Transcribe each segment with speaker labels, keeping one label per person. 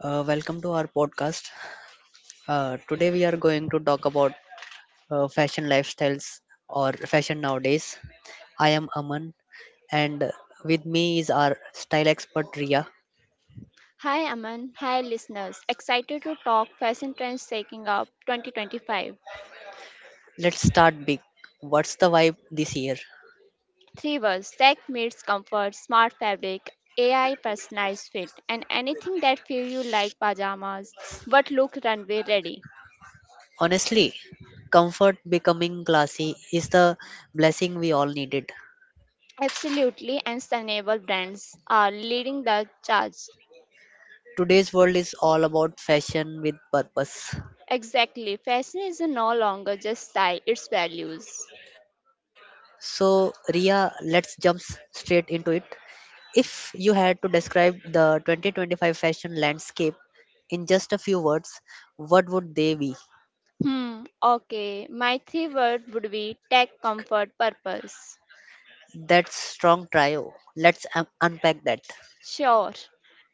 Speaker 1: Welcome to our podcast. Today we are going to talk about fashion lifestyles or fashion nowadays. I am Aman and with me is our style expert Ria.
Speaker 2: Hi Aman, hi listeners. Excited to talk fashion trends taking up 2025.
Speaker 1: Let's start big. What's the vibe this year?
Speaker 2: Three words: tech meets comfort, smart fabric, AI personalized fit, and anything that feel you like pajamas but look runway ready.
Speaker 1: Honestly, comfort becoming classy is the blessing we all needed.
Speaker 2: Absolutely, and sustainable brands are leading the charge.
Speaker 1: Today's world is all about fashion with purpose.
Speaker 2: Exactly, fashion is no longer just style; it's values.
Speaker 1: So, Ria, let's jump straight into it. If you had to describe the 2025 fashion landscape in just a few words, what would they be?
Speaker 2: Hmm. Okay, my three word would be tech, comfort, purpose.
Speaker 1: That's strong trio. Let's unpack that.
Speaker 2: Sure.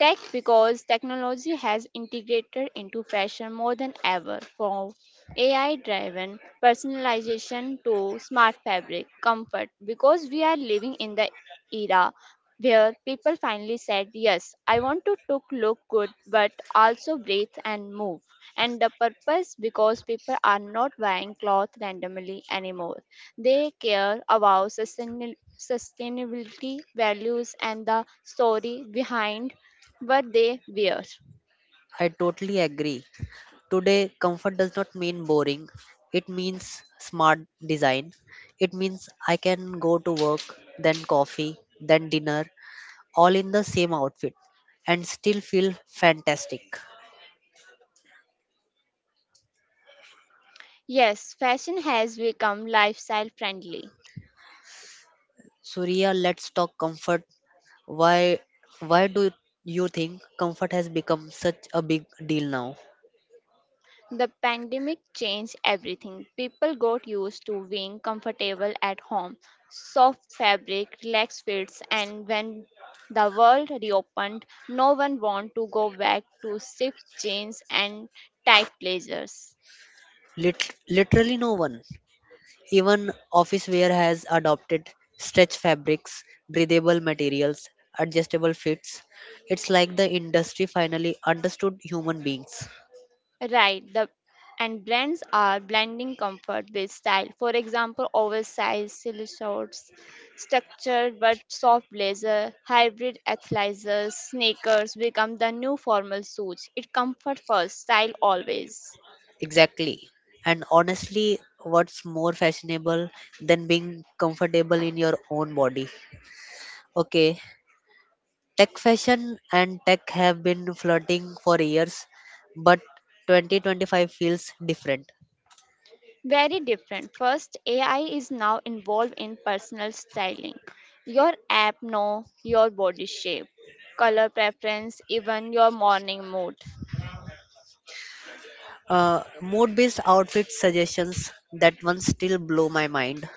Speaker 2: Tech because technology has integrated into fashion more than ever from AI driven personalization to smart fabric comfort because we are living in the era where people finally said yes I want to look good but also breathe and move and the purpose because people are not buying cloth randomly anymore they care about sustainability values and the story behind what they wear.
Speaker 1: I totally agree. Today, comfort does not mean boring. It means smart design. It means I can go to work, then coffee, then dinner, all in the same outfit and still feel fantastic.
Speaker 2: Yes, fashion has become lifestyle friendly.
Speaker 1: Surya, let's talk comfort. Why why do you think comfort has become such a big deal now?
Speaker 2: The pandemic changed everything. People got used to being comfortable at home, soft fabric, relaxed fits, and when the world reopened, no one wanted to go back to stiff jeans and tight blazers.
Speaker 1: Literally no one. Even office wear has adopted stretch fabrics, breathable materials, adjustable fits. It's like the industry finally understood human beings.
Speaker 2: Right, the and brands are blending comfort with style. For example, oversized silly shorts, structured but soft blazer, hybrid athleisure, sneakers become the new formal suits. It comfort first, style always.
Speaker 1: Exactly. And honestly, what's more fashionable than being comfortable in your own body? Okay, tech fashion and tech have been flirting for years, but 2025 feels different.
Speaker 2: Very different. First, AI is now involved in personal styling. Your app know your body shape, color preference, even your morning mood.
Speaker 1: Mood based outfit suggestions, that one still blow my mind.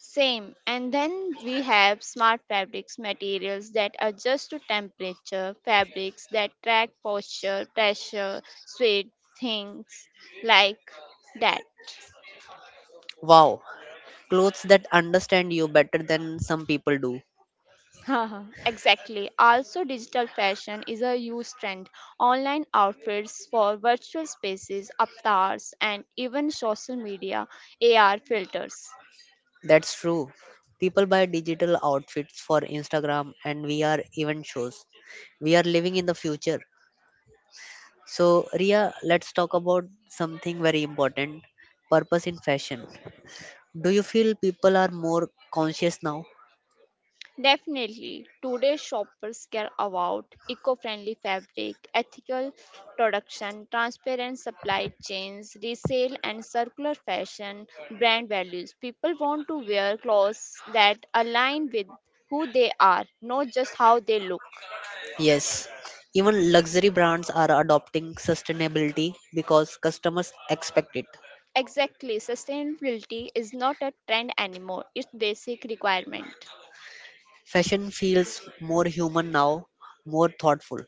Speaker 2: Same. And then we have smart fabrics materials that adjust to temperature, fabrics that track posture, pressure, sweat, things like that.
Speaker 1: Wow, clothes that understand you better than some people do.
Speaker 2: Exactly. Also, digital fashion is a huge trend. Online outfits for virtual spaces, avatars, and even social media AR filters.
Speaker 1: That's true. People buy digital outfits for Instagram and VR event shows. We are living in the future. So, Ria, let's talk about something very important, purpose in fashion. Do you feel people are more conscious now?
Speaker 2: Definitely, today's shoppers care about eco friendly fabric, ethical production, transparent supply chains, resale and circular fashion, brand values. People want to wear clothes that align with who they are, not just how they look.
Speaker 1: Yes, even luxury brands are adopting sustainability because customers expect it.
Speaker 2: Exactly, sustainability is not a trend anymore, it's basic requirement.
Speaker 1: Fashion feels more human now, more thoughtful.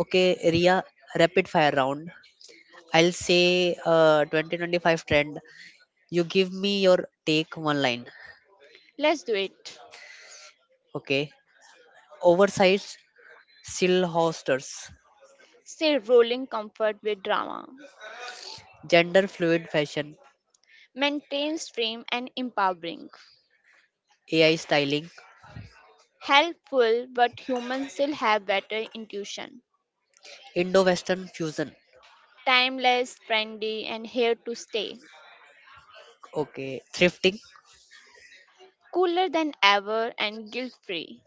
Speaker 1: Okay, Ria, rapid fire round. I'll say 2025 trend. You give me your take one line.
Speaker 2: Let's do it.
Speaker 1: Okay, oversized still hosters,
Speaker 2: Say rolling comfort with drama,
Speaker 1: gender fluid fashion,
Speaker 2: maintains frame and empowering.
Speaker 1: AI styling,
Speaker 2: Helpful, but humans still have better intuition.
Speaker 1: Indo Western fusion.
Speaker 2: Timeless, trendy, and here to stay.
Speaker 1: Okay, thrifting.
Speaker 2: Cooler than ever and guilt free.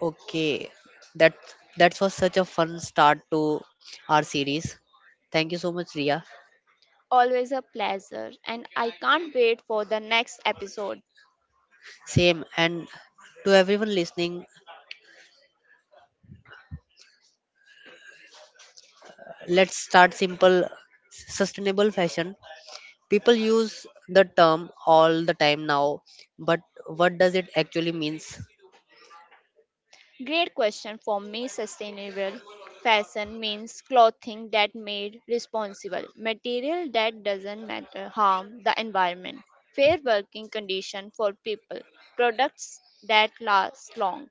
Speaker 1: Okay, that that was such a fun start to our series. Thank you so much, Ria.
Speaker 2: Always a pleasure, and I can't wait for the next episode.
Speaker 1: Same, and to everyone listening, let's start simple, sustainable fashion. People use the term all the time now, but what does it actually means?
Speaker 2: Great question. For me sustainable fashion means clothing that made responsible, material that doesn't matter harm the environment, fair working condition for people, products that last long,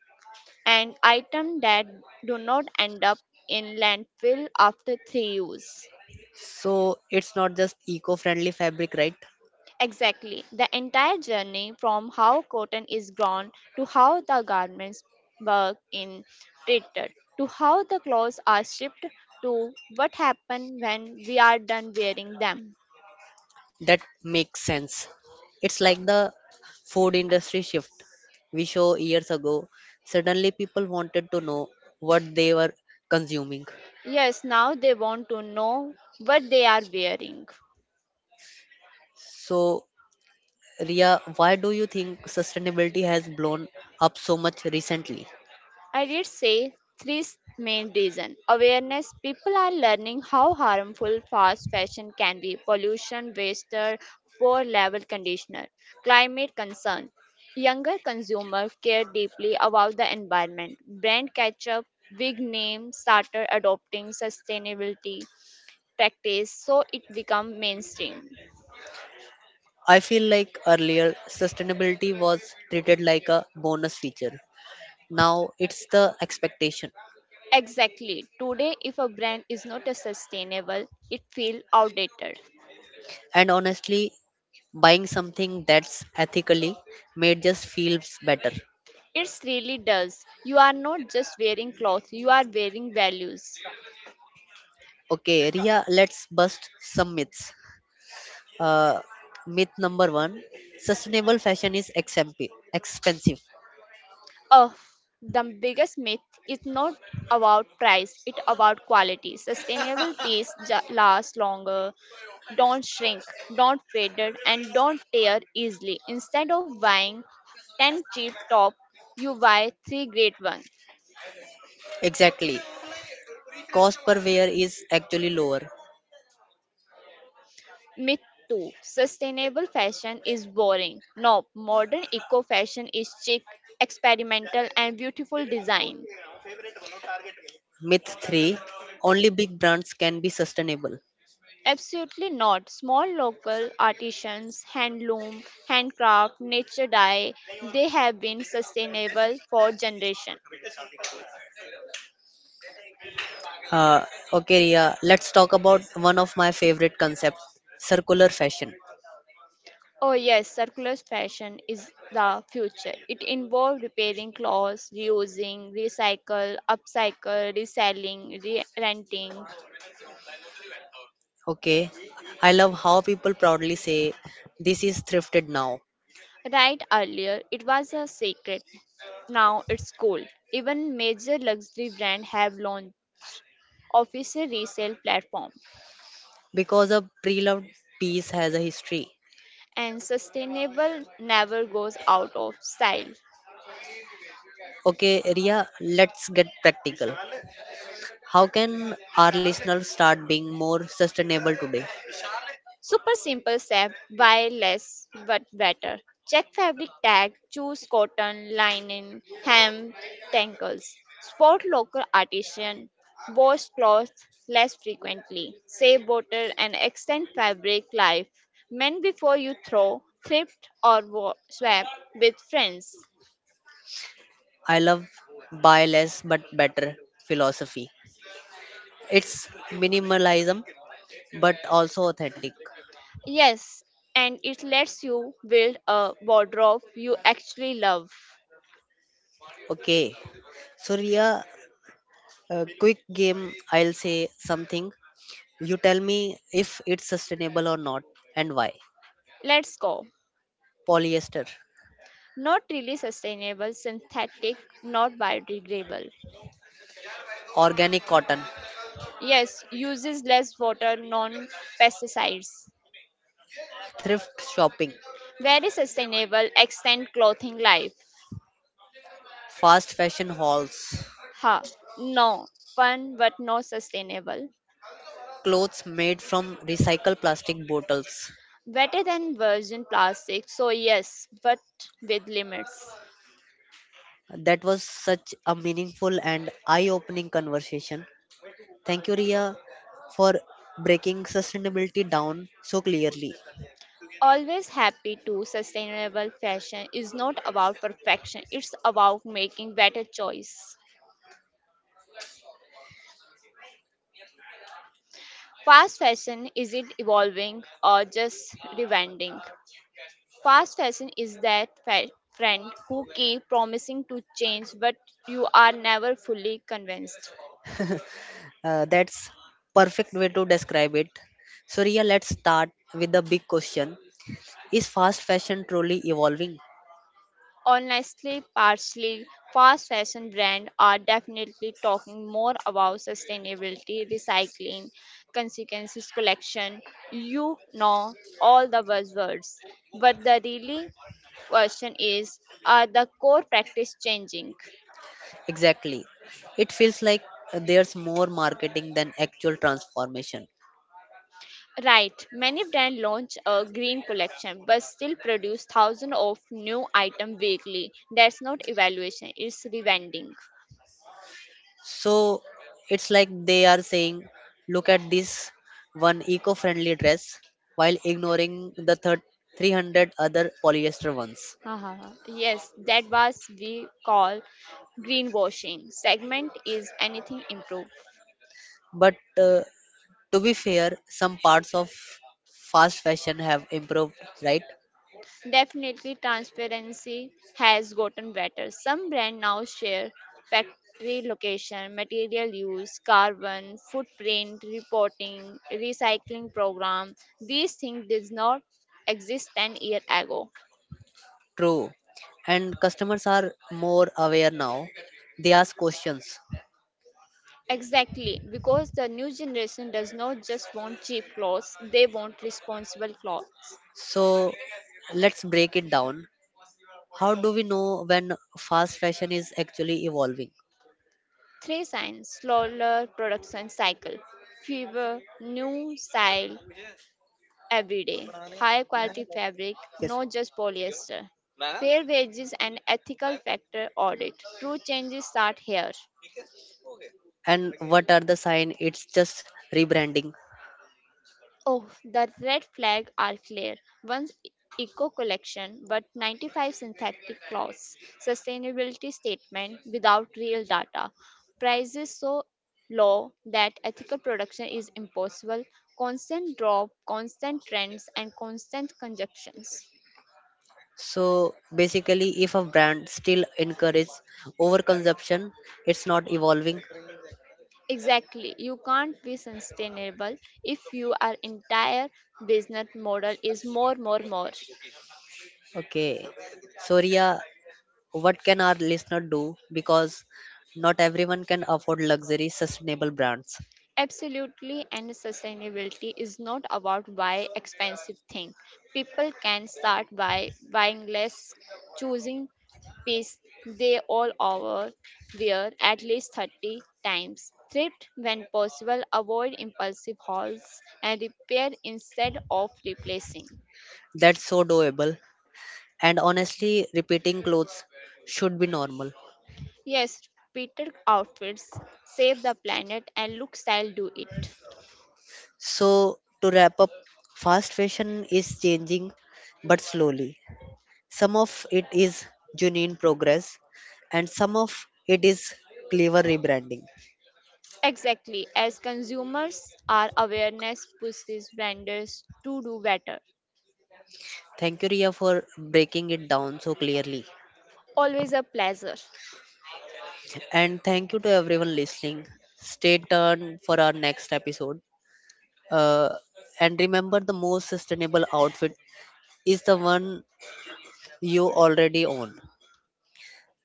Speaker 2: and items that do not end up in landfill after three use.
Speaker 1: So it's not just eco-friendly fabric, right?
Speaker 2: Exactly. The entire journey from how cotton is grown to how the garments work in treated to how the clothes are shipped to what happens when we are done wearing them.
Speaker 1: That makes sense. It's like the food industry shift we saw years ago. Suddenly, people wanted to know what they were consuming.
Speaker 2: Yes, now they want to know what they are wearing.
Speaker 1: So, Ria, why do you think sustainability has blown up so much recently?
Speaker 2: I did say three main reasons. Awareness people are learning how harmful fast fashion can be, pollution, waster, poor level conditioner, climate concern. Younger consumer care deeply about the environment. Brand catch up, big name started adopting sustainability practice so it become mainstream.
Speaker 1: I feel like earlier sustainability was treated like a bonus feature. Now it's the expectation.
Speaker 2: Exactly. Today if a brand is not a sustainable, it feel outdated.
Speaker 1: And honestly, buying something that's ethically made just feels better.
Speaker 2: It really does. You are not just wearing clothes, you are wearing values.
Speaker 1: Okay, Ria, let's bust some myths. Uh, myth number one, sustainable fashion is expensive.
Speaker 2: Oh, the biggest myth is not about price, it's about quality. Sustainable pieces last longer, don't shrink, don't fade, and don't tear easily. Instead of buying 10 cheap top, you buy 3 great ones.
Speaker 1: Exactly. Cost per wear is actually lower.
Speaker 2: Myth 2. Sustainable fashion is boring. No, modern eco fashion is chic, experimental, and beautiful design.
Speaker 1: Myth three, only big brands can be sustainable.
Speaker 2: Absolutely not. Small local artisans, handloom, handcraft, nature dye, they have been sustainable for generations.
Speaker 1: Uh, okay, Ria, let's talk about one of my favorite concepts, circular fashion.
Speaker 2: Oh yes, circular fashion is the future. It involves repairing clothes, reusing, recycle, upcycle, reselling, re-renting.
Speaker 1: Okay, I love how people proudly say this is thrifted now,
Speaker 2: Right, earlier, it was a secret. Now it's cool. Even major luxury brands have launched official resale platform.
Speaker 1: because a pre loved piece has a history.
Speaker 2: And sustainable never goes out of style.
Speaker 1: Okay, Ria, let's get practical. How can our listeners start being more sustainable today?
Speaker 2: Super simple step, buy less but better. Check fabric tag, choose cotton, linen, hem, tangles. Spot local artisan, wash cloth less frequently, save water and extend fabric life. Mend before you throw, thrift or swap with friends.
Speaker 1: I love buy less but better philosophy. It's minimalism but also authentic.
Speaker 2: Yes, and it lets you build a wardrobe you actually love.
Speaker 1: Okay, so Ria, a quick game. I'll say something. You tell me if it's sustainable or not and why.
Speaker 2: Let's go.
Speaker 1: Polyester,
Speaker 2: Not really sustainable, synthetic, not biodegradable.
Speaker 1: organic cotton,
Speaker 2: Yes, uses less water, non pesticides.
Speaker 1: thrift shopping,
Speaker 2: Very sustainable, extend clothing life.
Speaker 1: fast fashion hauls,
Speaker 2: Ha, no, fun but no sustainable.
Speaker 1: clothes made from recycled plastic bottles.
Speaker 2: Better than virgin plastic, so yes, but with limits.
Speaker 1: That was such a meaningful and eye opening conversation. Thank you, Ria, for breaking sustainability down so clearly.
Speaker 2: Always happy to sustainable fashion is not about perfection, it's about making better choice. Fast fashion, is it evolving or just rewinding? Fast fashion is that friend who keep promising to change but you are never fully convinced.
Speaker 1: That's perfect way to describe it. So, Ria, let's start with the big question, is fast fashion truly evolving?
Speaker 2: Honestly, partially, fast fashion brands are definitely talking more about sustainability, recycling, consequences collection. You know all the buzzwords, but the really question is, are the core practice changing?
Speaker 1: Exactly. It feels like there's more marketing than actual transformation.
Speaker 2: Right, many brands launch a green collection but still produce thousands of new items weekly. That's not evaluation, it's revending.
Speaker 1: So it's like they are saying, look at this one eco friendly dress while ignoring the 300 other polyester ones.
Speaker 2: Haha, yes, that was we call greenwashing. Segment is anything improved.
Speaker 1: But to be fair, some parts of fast fashion have improved, right?
Speaker 2: Definitely, transparency has gotten better. Some brands now share factory location, material use, carbon footprint reporting, recycling program. These things did not exist 10 years ago.
Speaker 1: True. And customers are more aware now. They ask questions.
Speaker 2: Exactly, because the new generation does not just want cheap clothes, they want responsible clothes.
Speaker 1: So let's break it down. How do we know when fast fashion is actually evolving?
Speaker 2: Three signs slower production cycle, fever, new style, every day. High quality fabric,
Speaker 1: Yes.
Speaker 2: not just polyester. Fair wages and ethical factor audit. True changes start here.
Speaker 1: And what are the sign it's just rebranding?
Speaker 2: Oh, the red flag are clear. Once eco collection, but 95 synthetic clothes. Sustainability statement without real data. Prices so low that ethical production is impossible. Constant drop, constant trends, and constant conjunctions.
Speaker 1: So basically, if a brand still encourage overconsumption, it's not evolving.
Speaker 2: Exactly. You can't be sustainable if your entire business model is more, more.
Speaker 1: Okay, so Ria, what can our listener do, because not everyone can afford luxury sustainable brands?
Speaker 2: Absolutely, and sustainability is not about buy expensive thing. People can start by buying less, choosing piece they all over wear at least 30 times. Thrift when possible, avoid impulsive hauls and repair instead of replacing.
Speaker 1: That's so doable, and honestly repeating clothes should be normal.
Speaker 2: Yes, repeated outfits save the planet and look style do it.
Speaker 1: So to wrap up, fast fashion is changing but slowly. Some of it is genuine progress, and some of it is clever rebranding.
Speaker 2: Exactly, as consumers, our awareness pushes vendors to do better.
Speaker 1: Thank you, Ria, for breaking it down so clearly.
Speaker 2: Always a pleasure.
Speaker 1: And thank you to everyone listening. Stay tuned for our next episode. Uh, and remember, the most sustainable outfit is the one you already own.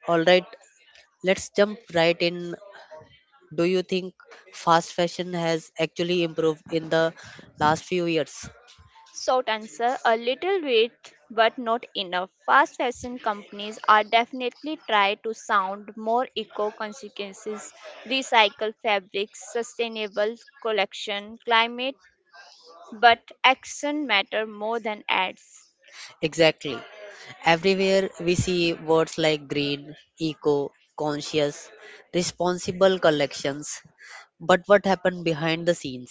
Speaker 1: All right, let's jump right in. Do you think fast fashion has actually improved in the last few years?
Speaker 2: Short answer a little bit, but not enough. Fast fashion companies are definitely try to sound more eco consequences, recycle fabrics, sustainable collection, climate, but action matter more than ads.
Speaker 1: Exactly. Everywhere we see words like green, eco, conscious, responsible collections. But what happened behind the scenes?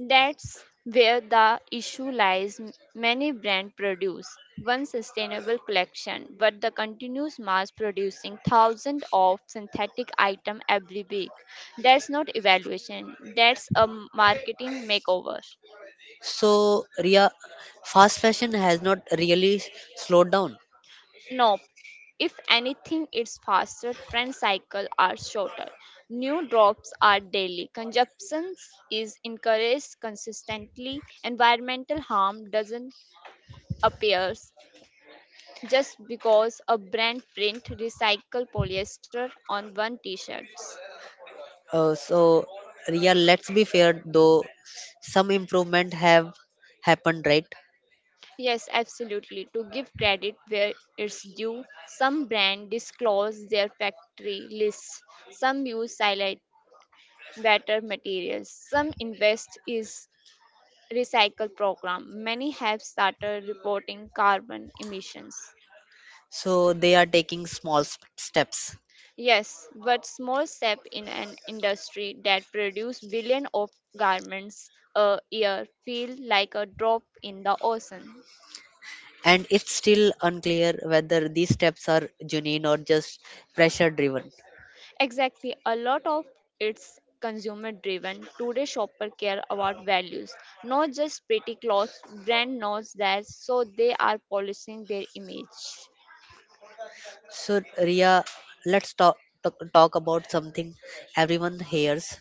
Speaker 2: That's where the issue lies. Many brands produce one sustainable collection, but the continuous mass producing thousands of synthetic items every week. That's not evaluation, that's a marketing makeover.
Speaker 1: So, Ria, fast fashion has not really slowed down.
Speaker 2: Nope. If anything, it's faster, trend cycles are shorter. New drops are daily. Consumption is encouraged consistently. Environmental harm doesn't appear just because a brand print recycled polyester on one t-shirts.
Speaker 1: So, Ria, let's be fair though, some improvement have happened, right?
Speaker 2: Yes, absolutely. To give credit where it's due, some brands disclose their factory lists. Some use silent better materials. Some invest is recycle program. Many have started reporting carbon emissions.
Speaker 1: So, they are taking small steps.
Speaker 2: Yes, but small step in an industry that produces billion of garments a year feel like a drop in the ocean.
Speaker 1: And it's still unclear whether these steps are genuine or just pressure driven.
Speaker 2: Exactly, a lot of it's consumer driven. Today shopper care about values, not just pretty clothes. Brand knows that, so they are polishing their image.
Speaker 1: So, Ria, let's talk about something everyone hears,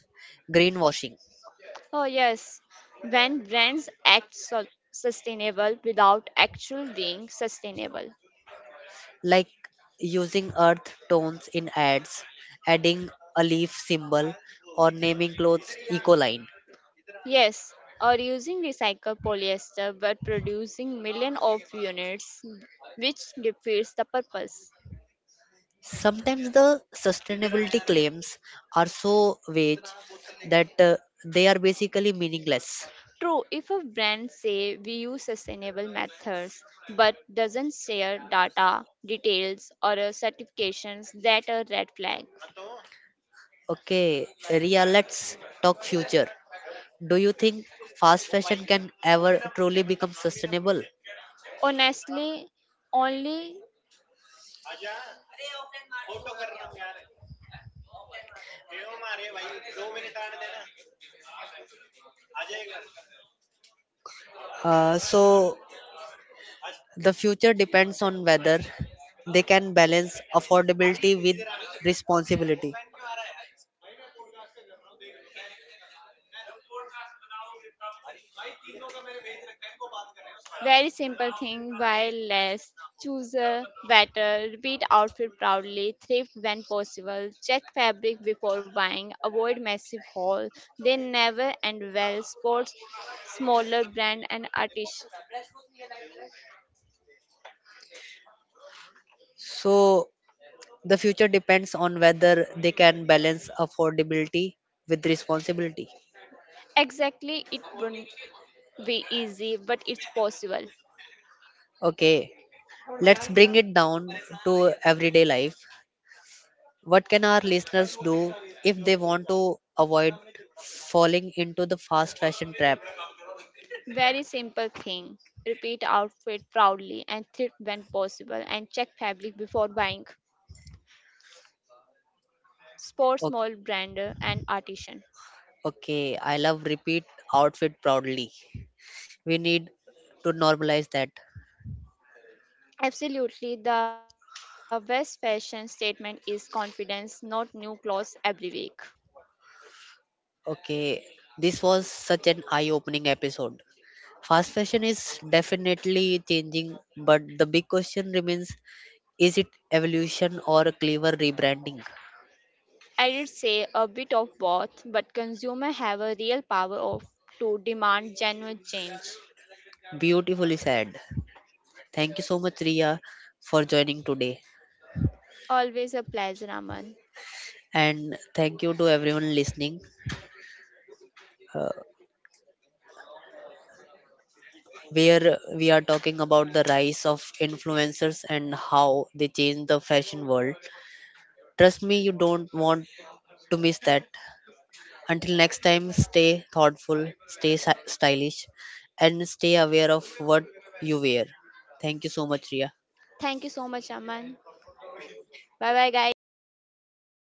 Speaker 1: greenwashing,
Speaker 2: Oh yes, when brands act so sustainable without actual being sustainable.
Speaker 1: like using earth tones in ads, adding a leaf symbol, or naming clothes eco line.
Speaker 2: Yes, or using recycled polyester but producing million of units, which defeats the purpose.
Speaker 1: Sometimes the sustainability claims are so vague that they are basically meaningless.
Speaker 2: True, if a brand say we use sustainable methods but doesn't share data, details or certifications, that a red flag.
Speaker 1: Okay, Ria, let's talk future. Do you think fast fashion can ever truly become sustainable?
Speaker 2: Honestly, only.
Speaker 1: So, the future depends on whether they can balance affordability with responsibility.
Speaker 2: Very simple thing, buy less, choose a better, repeat outfit proudly, thrift when possible, check fabric before buying, avoid massive hauls. They never end well. Sports smaller brand and artist.
Speaker 1: So, the future depends on whether they can balance affordability with responsibility.
Speaker 2: Exactly, it wouldn't be easy, but it's possible.
Speaker 1: Okay, let's bring it down to everyday life. What can our listeners do if they want to avoid falling into the fast fashion trap?
Speaker 2: Very simple thing. Repeat outfit proudly and thrift when possible and check fabric before buying. Sports
Speaker 1: Okay,
Speaker 2: small brand and artisan.
Speaker 1: okay, I love repeat outfit proudly. We need to normalize that.
Speaker 2: Absolutely. The best fashion statement is confidence, not new clothes every week.
Speaker 1: Okay, this was such an eye opening episode. Fast fashion is definitely changing, but the big question remains, is it evolution or a clever rebranding?
Speaker 2: I did say a bit of both, but consumers have a real power of to demand genuine change.
Speaker 1: Beautifully said. Thank you so much, Riya, for joining today.
Speaker 2: Always a pleasure, Aman.
Speaker 1: And thank you to everyone listening, uh, where we are talking about the rise of influencers and how they change the fashion world. Trust me, you don't want to miss that. Until next time, stay thoughtful, stay stylish, and stay aware of what you wear. Thank you so much, Ria.
Speaker 2: Thank you so much, Aman. Bye bye, guys.